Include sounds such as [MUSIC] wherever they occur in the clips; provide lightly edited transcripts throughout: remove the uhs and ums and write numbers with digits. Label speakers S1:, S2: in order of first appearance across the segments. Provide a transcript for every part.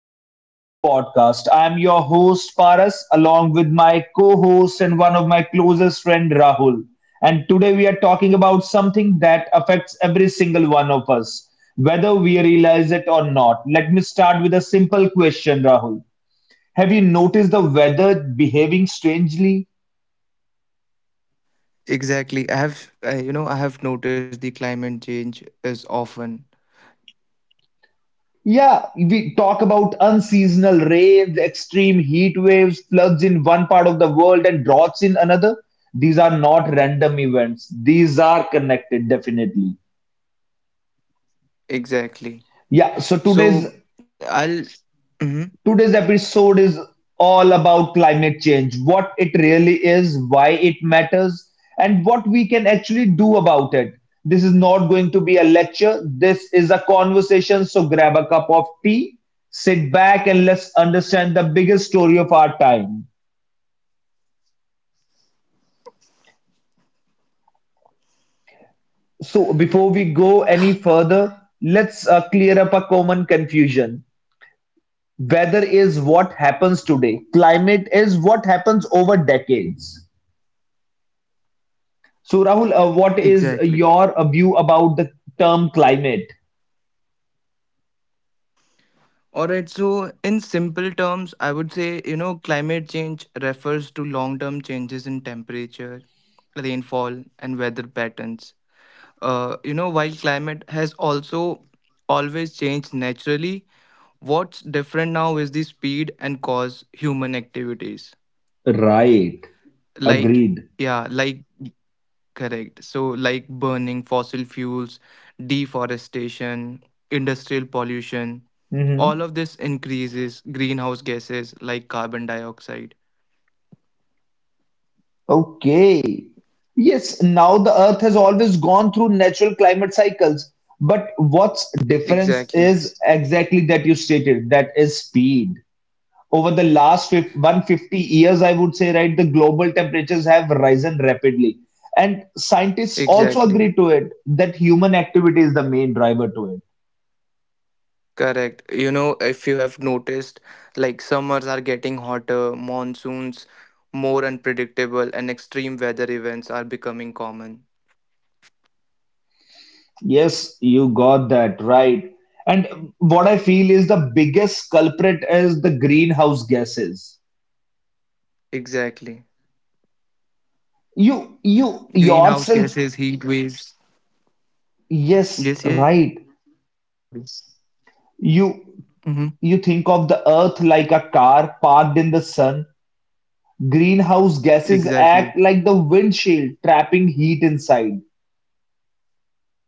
S1: welcome back to the podcast. I'm your host, Paras, along with my co host and one of my closest friend, Rahul. And today we are talking about something that affects every single one of us, whether we realize it or not. Let me start with a simple question, Rahul. Have you noticed the weather behaving strangely?
S2: Exactly. I have noticed the climate change is often.
S1: Yeah, we talk about unseasonal rains, extreme heat waves, floods in one part of the world, and droughts in another. These are not random events, these are connected definitely.
S2: Exactly.
S1: Yeah, so
S2: So
S1: today's
S2: I'll. Mhm.
S1: Today's episode is all about climate change, what it really is, why it matters, and what we can actually do about it. This is not going to be a lecture, this is a conversation. So grab a cup of tea, sit back, and let's understand the biggest story of our time. So, before we go any further, let's clear up a common confusion. Weather is what happens today, climate is what happens over decades. So, Rahul, what
S2: Exactly.
S1: is your view about the term climate?
S2: All right. So, in simple terms, I would say, climate change refers to long term changes in temperature, rainfall, and weather patterns. While climate has also always changed naturally, what's different now is the speed and cause human activities.
S1: Right.
S2: Like,
S1: Agreed.
S2: yeah, like. Correct. So, like burning fossil fuels, deforestation, industrial pollution, all
S1: Hmm.
S2: of this increases greenhouse gases like carbon dioxide.
S1: Okay. Yes, now the Earth has always gone through natural climate cycles, but what's difference
S2: Exactly.
S1: is exactly that you stated, that is speed. Over the last 150 years, I would say, right, the global temperatures have risen rapidly. And scientists also agree
S2: Exactly.
S1: to it that human activity is the main driver to it.
S2: Correct. You know, if you have noticed, like summers are getting hotter, monsoons more unpredictable, and extreme weather events are becoming common.
S1: Yes, you got that right. And what I feel is the biggest culprit is the greenhouse gases.
S2: Exactly.
S1: You
S2: Greenhouse
S1: yourself,
S2: gases, heat waves.
S1: yes,
S2: Yes, yes.
S1: right.
S2: Sorry. Mm-hmm.
S1: You you think of the earth like a car parked in the sun. Greenhouse gases
S2: Exactly.
S1: act like the windshield, trapping heat inside.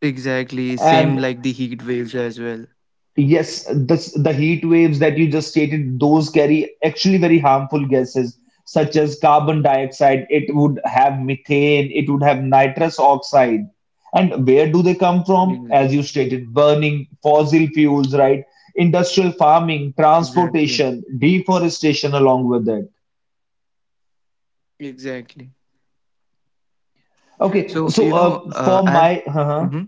S2: Exactly. Same
S1: And
S2: like the heat waves as well.
S1: yes, the heat waves that you just stated, those carry actually very harmful gases such as carbon dioxide. It would have methane, it would have nitrous oxide. And where do they come from?
S2: Ex-
S1: As you stated, burning fossil fuels, right? Industrial farming,
S2: Exactly.
S1: transportation, deforestation along with it.
S2: Exactly.
S1: Okay,
S2: So, you
S1: so
S2: know,
S1: for
S2: I've
S1: my, uh-huh.
S2: Mhm.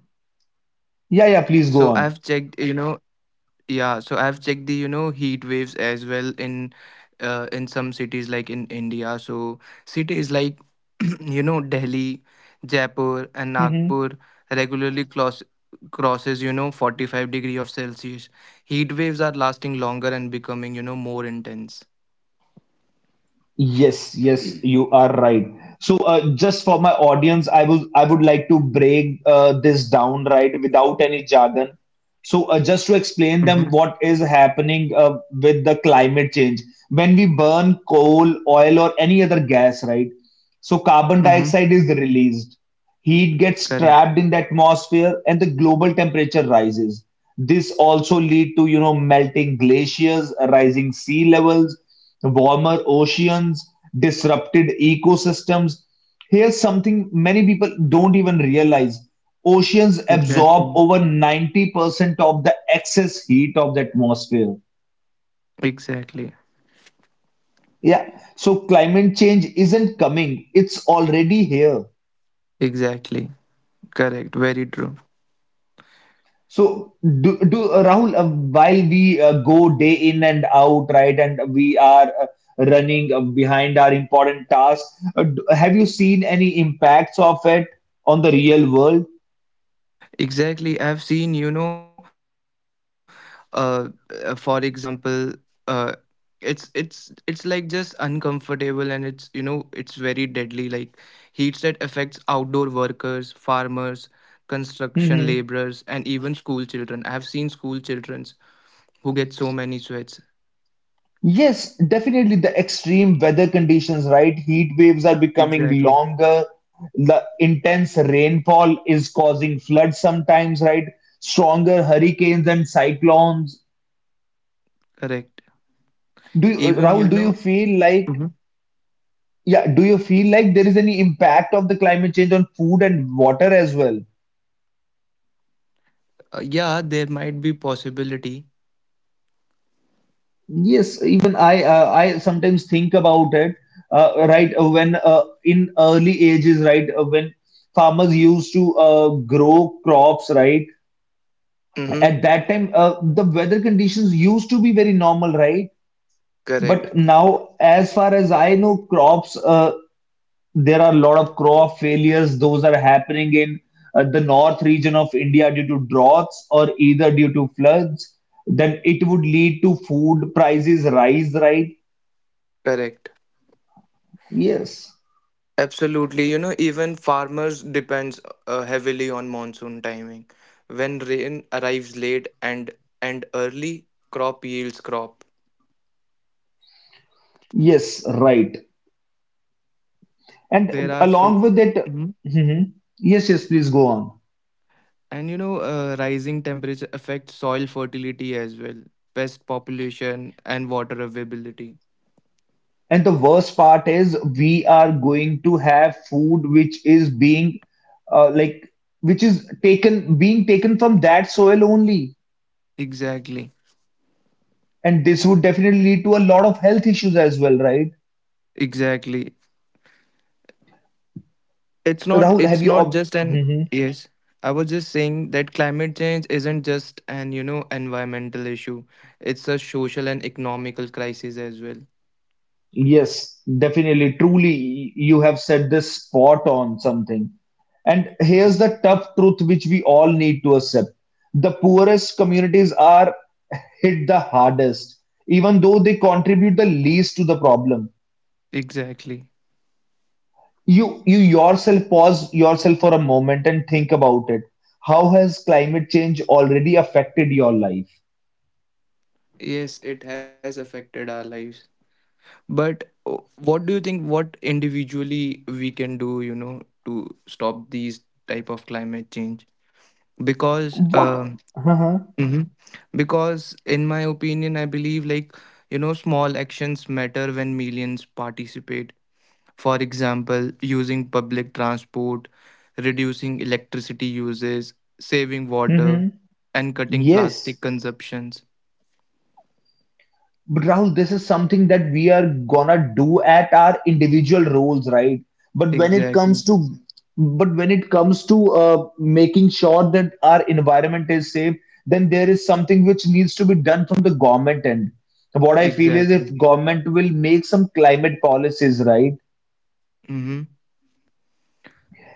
S1: Yeah, yeah, please go
S2: so
S1: on.
S2: I've checked, you know, yeah, so I've checked the, heat waves as well in some cities like in India. So cities like, [CLEARS THROAT] Delhi, Jaipur and
S1: Mm-hmm.
S2: Nagpur regularly cross crosses, 45 degree of Celsius. Heat waves are lasting longer and becoming more intense.
S1: Yes, yes, you are right. So, just for my audience, I would like to break this down right without any jargon. So, just to explain them
S2: Mm-hmm.
S1: what is happening with the climate change when we burn coal, oil, or any other gas, right? So, carbon
S2: Mm-hmm.
S1: dioxide is released. Heat gets trapped in the atmosphere and the global temperature rises. This also lead to you know melting glaciers, rising sea levels, warmer oceans, disrupted ecosystems. Here's something many people don't even realize. Oceans absorb over
S2: Exactly.
S1: 90% of the excess heat of the atmosphere.
S2: Exactly.
S1: Yeah, so climate change isn't coming, it's already here.
S2: Exactly. Correct. Very true.
S1: So, do, do Rahul, while we go day in and out, right, and we are running behind our important tasks, have you seen any impacts of it on the real world?
S2: Exactly. I've seen, you know, uh, for example, uh, it's like just uncomfortable and it's you know it's very deadly like heat that affects outdoor workers, farmers, construction laborers,
S1: Hmm.
S2: and even school children. I have seen school children who get so many sweats.
S1: Yes, definitely the extreme weather conditions, right? Heat waves are becoming
S2: Exactly.
S1: longer. The intense rainfall is causing floods sometimes, right? Stronger hurricanes and cyclones.
S2: Correct.
S1: Do you,
S2: Even
S1: Rahul,
S2: you
S1: do you
S2: know
S1: feel like
S2: Mhm.
S1: Yeah, do you feel like there is any impact of the climate change on food and water as well?
S2: Yeah, there might be possibility.
S1: Yes, even I sometimes think about it. Right when in early ages, right when farmers used to grow crops, right
S2: Mhm.
S1: at that time the weather conditions used to be very normal, right?
S2: Correct,
S1: But now, as far as I know, crops there are a lot of crop failures. Those are happening in the north region of India due to droughts or either due to floods. Then it would lead to food prices rise, right?
S2: correct.
S1: Yes,
S2: Absolutely. You know, even farmers depends heavily on monsoon timing. When rain arrives late and early, crop yields crop.
S1: yes, right.
S2: There
S1: And
S2: are
S1: along
S2: so.
S1: with it,
S2: Mhm.
S1: mhm, yes, yes, please go on.
S2: And rising temperature affects soil fertility as well, pest population and water availability.
S1: And the worst part is we are going to have food which is being uh, like which is taken being taken from that soil only.
S2: Exactly.
S1: And this would definitely lead to a lot of health issues as well, right?
S2: Exactly. It's not
S1: Rahul, have
S2: it's
S1: you?
S2: not
S1: Ob-
S2: just an.
S1: Mhm.
S2: Yes. I was just saying that climate change isn't just an environmental issue. It's a social and economical crisis as well.
S1: Yes, definitely. Truly, you have said this spot on something. And here's the tough truth which we all need to accept. The poorest communities are [LAUGHS] hit the hardest, even though they contribute the least to the problem.
S2: Exactly.
S1: You yourself pause yourself for a moment and think about it. How has climate change already affected your life?
S2: Yes, it has affected our lives. But what do you think what individually we can do to stop these type of climate change? Because
S1: What? Uh-huh.
S2: mhm. Because in my opinion I believe like small actions matter when millions participate. For example, using public transport, reducing electricity uses, saving water,
S1: Hmm.
S2: and cutting plastic
S1: Yes.
S2: consumptions.
S1: But Rahul, this is something that we are gonna do at our individual roles, right? But when it
S2: Exactly.
S1: comes to but when it comes to making sure that our environment is safe, then there is something which needs to be done from the government end. What I feel is if
S2: Exactly.
S1: government will make some climate policies, right?
S2: Mhm.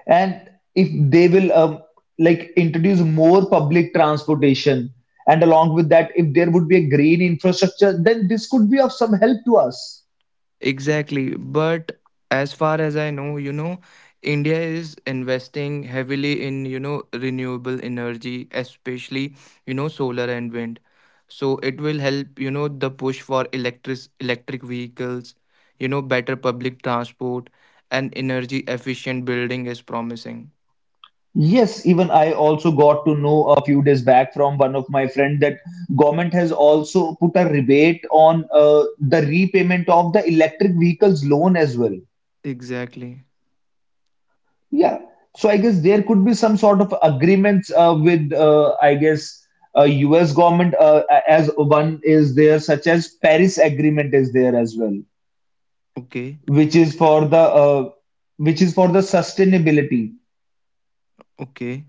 S1: And if they will introduce more public transportation, and along with that if there would be a green infrastructure, then this could be of some help to us.
S2: Exactly. But as far as I know, India is investing heavily in renewable energy, especially solar and wind. So it will help the push for electric vehicles, better public transport and energy efficient building is promising.
S1: Yes, even I also got to know a few days back from one of my friend that government has also put a rebate on the repayment of the electric vehicles loan as well.
S2: Exactly.
S1: Yeah. So I guess there could be some sort of agreements with, U.S. government as one is there, such as Paris Agreement is there as well,
S2: Okay.
S1: which is for the uh, which is for the sustainability.
S2: Okay.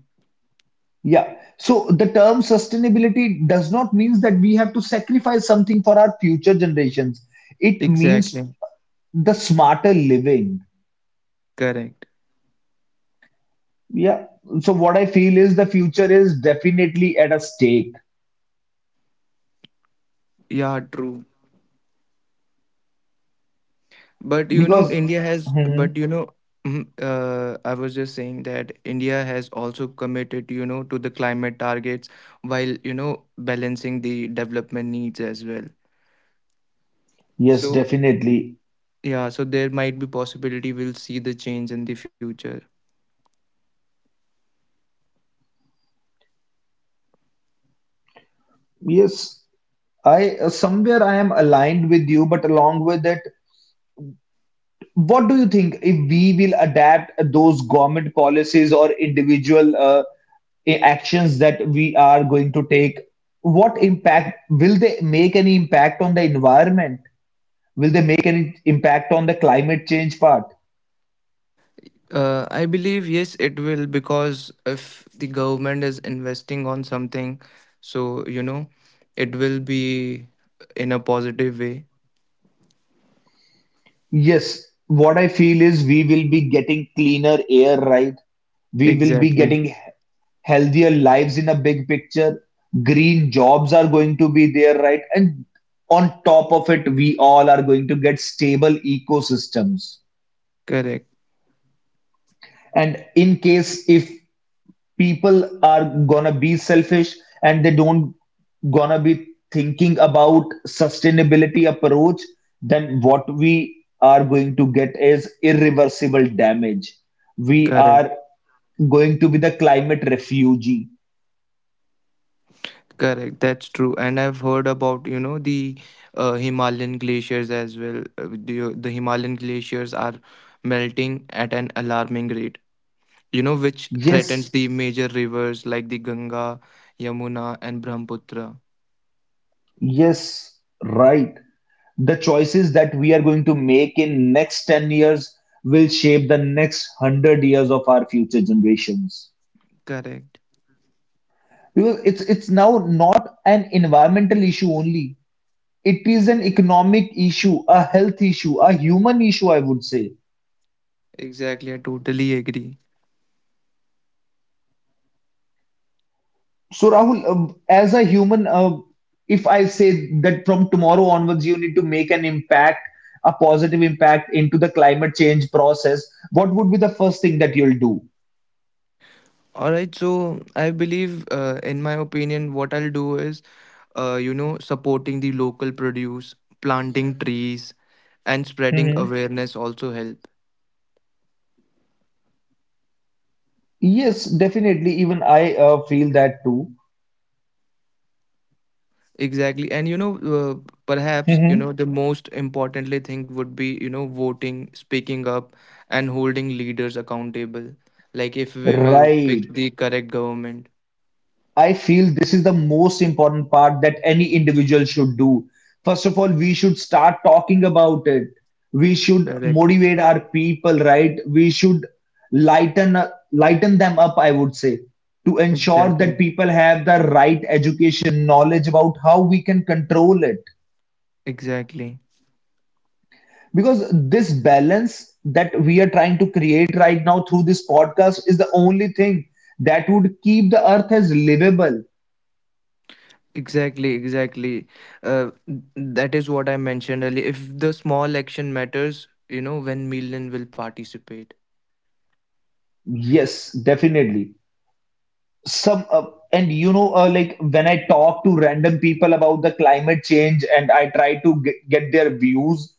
S1: Yeah. So the term sustainability does not means that we have to sacrifice something for our future generations. It
S2: Exactly.
S1: means the smarter living.
S2: Correct.
S1: Yeah. So what I feel is the future is definitely at a stake.
S2: Yeah, true. But you know,
S1: Because,
S2: India has, but
S1: mhm,
S2: you know, mhm, I was just saying that India has also committed to the climate targets while balancing the development needs as well.
S1: yes,
S2: So,
S1: definitely.
S2: yeah, so there might be possibility we'll see the change in the future.
S1: Yes, I somewhere I am aligned with you, but along with it, what do you think if we will adapt those government policies or individual actions that we are going to take? What impact will they make any impact on the environment? Will they make any impact on the climate change part?
S2: I believe yes, it will because if the government is investing on something, so you know, it will be in a positive way.
S1: Yes, what I feel is we will be getting cleaner air, right? We will be
S2: Exactly.
S1: getting he- healthier lives in a big picture. Green jobs are going to be there, right? And on top of it, we all are going to get stable ecosystems,
S2: Correct.
S1: and in case if people are gonna be selfish and they don't gonna be thinking about sustainability approach, then what we are going to get is irreversible damage. We
S2: Correct.
S1: are going to be the climate refugee.
S2: Correct, that's true. And I've heard about the Himalayan glaciers as well. The Himalayan glaciers are melting at an alarming rate, which threatens
S1: Yes,
S2: the major rivers like the Ganga, Yamuna, and Brahmaputra.
S1: yes, right. The choices that we are going to make in next 10 years will shape the next 100 years of our future generations.
S2: Correct.
S1: Because it's now not an environmental issue only. It is an economic issue, a health issue, a human issue, I would say.
S2: Exactly, I totally agree.
S1: So Rahul, as a human, if I say that from tomorrow onwards you need to make an impact, a positive impact into the climate change process, what would be the first thing that you'll do?
S2: All right, so I believe, in my opinion, what I'll do is supporting the local produce, planting trees, and spreading
S1: Hmm.
S2: awareness also helps.
S1: Yes, definitely. Even I feel that too.
S2: Exactly. And you know, uh, perhaps, you
S1: Hmm.
S2: know, the most importantly thing would be voting, speaking up, and holding leaders accountable. Like if we will pick
S1: Right.
S2: the correct government.
S1: I feel this is the most important part that any individual should do. First of all, we should start talking about it. We should
S2: Correct.
S1: motivate our people, right? We should lighten Lighten them up, I would say, to ensure that
S2: Exactly.
S1: people have the right education, knowledge about how we can control it.
S2: Exactly.
S1: Because this balance that we are trying to create right now through this podcast is the only thing that would keep the earth as livable.
S2: Exactly. Exactly. That is what I mentioned earlier. If the small action matters when million will participate.
S1: Yes, definitely. Some And you know like when I talk to random people about the climate change and I try to get their views,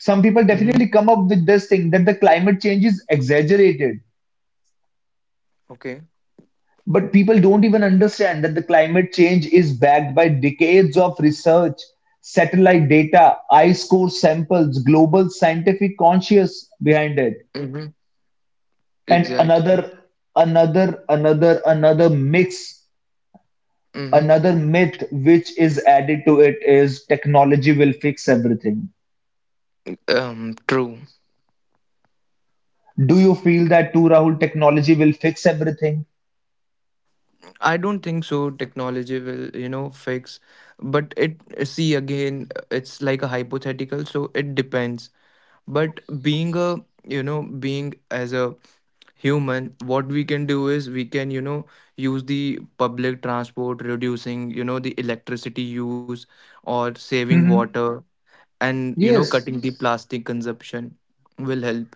S1: some
S2: Mm-hmm.
S1: people definitely come up with this thing that the climate change is exaggerated,
S2: Okay.
S1: but people don't even understand that the climate change is backed by decades of research, satellite data, ice core samples, global scientific conscious behind it.
S2: Mm-hmm.
S1: And
S2: Exactly.
S1: another another another another mix
S2: Mm-hmm.
S1: Another myth which is added to it is technology will fix everything.
S2: True.
S1: Do you feel that too, Rahul? Technology will fix everything?
S2: I don't think so. Technology will fix, but it, see again, it's like a hypothetical, so it depends. But being as a human, what we can do is we can use the public transport, reducing the electricity use or saving
S1: Mhm.
S2: water and, you know,
S1: Yes.
S2: cutting the plastic consumption will help.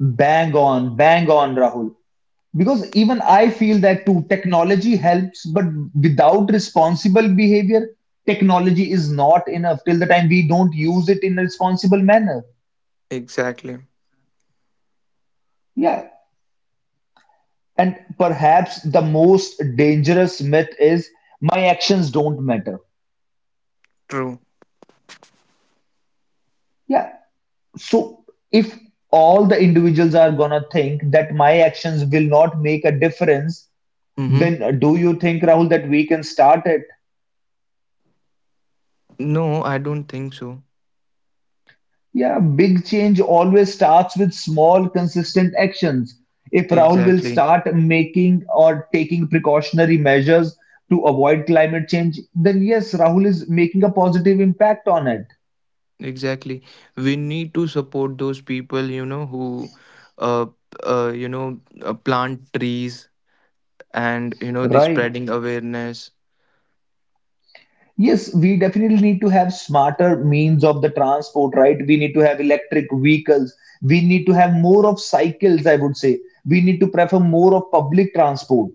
S1: Bang on, bang on, Rahul. Because even I feel that too, technology helps, but without responsible behavior, technology is not enough till the time we don't use it in a responsible manner.
S2: Exactly.
S1: Yeah. And perhaps the most dangerous myth is my actions don't matter.
S2: True.
S1: Yeah. So if all the individuals are gonna think that my actions will not make a difference,
S2: Mm-hmm.
S1: then do you think, Rahul, that we can start it?
S2: No, I don't think so.
S1: Yeah, big change always starts with small consistent actions. If Rahul will
S2: Exactly.
S1: start making or taking precautionary measures to avoid climate change, then yes, Rahul is making a positive impact on it,
S2: Exactly. We need to support those people, you know, who, uh, you know, plant trees and the
S1: right?
S2: spreading awareness.
S1: Yes, we definitely need to have smarter means of the transport, right? We need to have electric vehicles. We need to have more of cycles, I would say. We need to prefer more of public transport.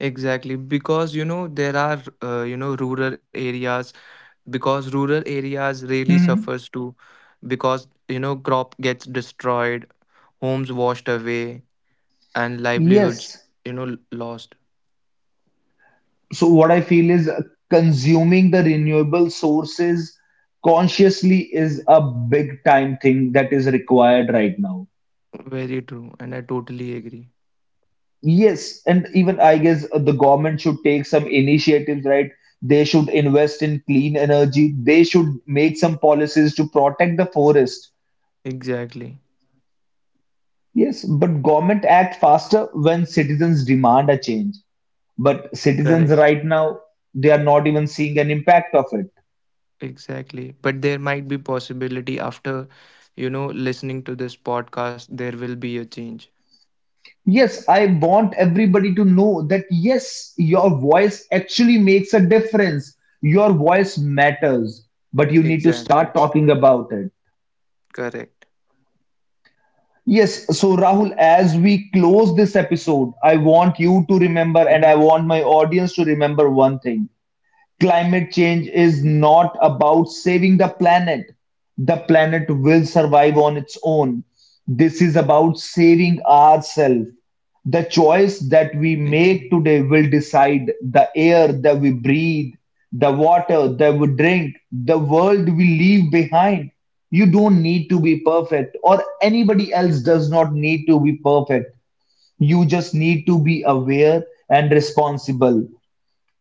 S2: Exactly. Because, you know, there are, you know, rural areas, because rural areas really
S1: Mhm.
S2: suffers too, because crop gets destroyed, homes washed away, and livelihoods,
S1: Yes.
S2: you know, lost.
S1: So what I feel is consuming the renewable sources consciously is a big time thing that is required right now.
S2: Very true. And I totally agree.
S1: Yes, and even I guess the government should take some initiatives, right? They should invest in clean energy. They should make some policies to protect the forest.
S2: Exactly.
S1: Yes, but government act faster when citizens demand a change. But
S2: Correct.
S1: citizens right now, they are not even seeing an impact of it.
S2: Exactly. But there might be possibility after listening to this podcast, there will be a change.
S1: Yes, I want everybody to know that yes, your voice actually makes a difference. Your voice matters, but you need to
S2: Exactly.
S1: start talking about it.
S2: Correct.
S1: Yes, so Rahul, as we close this episode, I want you to
S2: Mhm.
S1: remember and I want my audience to remember one thing. Climate change is not about saving the planet. The planet will survive on its own. This is about saving ourselves. The choice that
S2: Exactly.
S1: we make today will decide the air that we breathe, the water that we drink, the world we leave behind. You don't need to be perfect, or anybody else does not need to be perfect. You just need to be aware and responsible.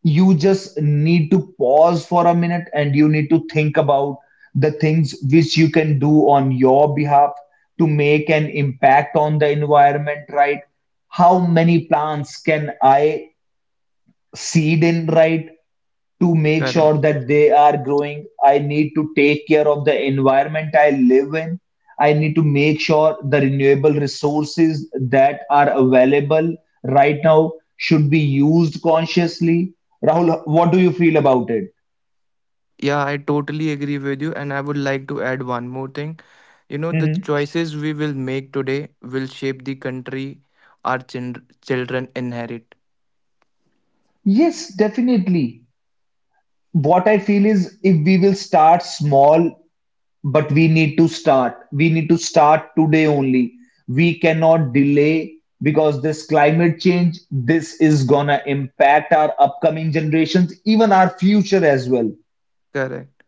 S1: You just need to pause for a minute, and you need to think about the things which you can do on your behalf to make an impact on the environment. Right, how many plants can I seed in, right, to make
S2: Correct.
S1: sure that they are growing. I need to take care of the environment I live in. I need to make sure the renewable resources that are available right now should be used consciously. Rahul, what do you feel about it?
S2: Yeah, I totally agree with you. And I would like to add one more thing. You know, the
S1: Mhm.
S2: choices we will make today will shape the country our children inherit.
S1: Yes, definitely. What I feel is if we will start small. But we need to start. We need to start today only. We cannot delay, because this climate change, this is gonna impact our upcoming generations, even our future as well.
S2: Correct.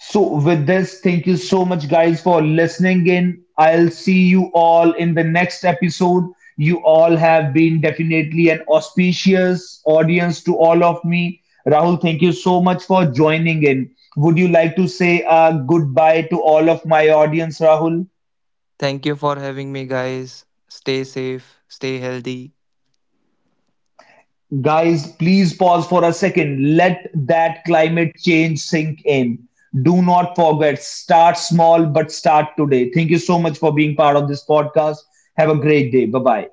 S1: So, with this, thank you so much, guys, for listening in. I'll see you all in the next episode. You all have been definitely an auspicious audience to all of me. Rahul, thank you so much for joining in. Would you like to say a goodbye to all of my audience, Rahul?
S2: Thank you for having me, guys. Stay safe, stay healthy.
S1: Guys, please pause for a second. Let that climate change sink in. Do not forget, start small, but start today. Thank you so much for being part of this podcast. Have a great day. Bye bye.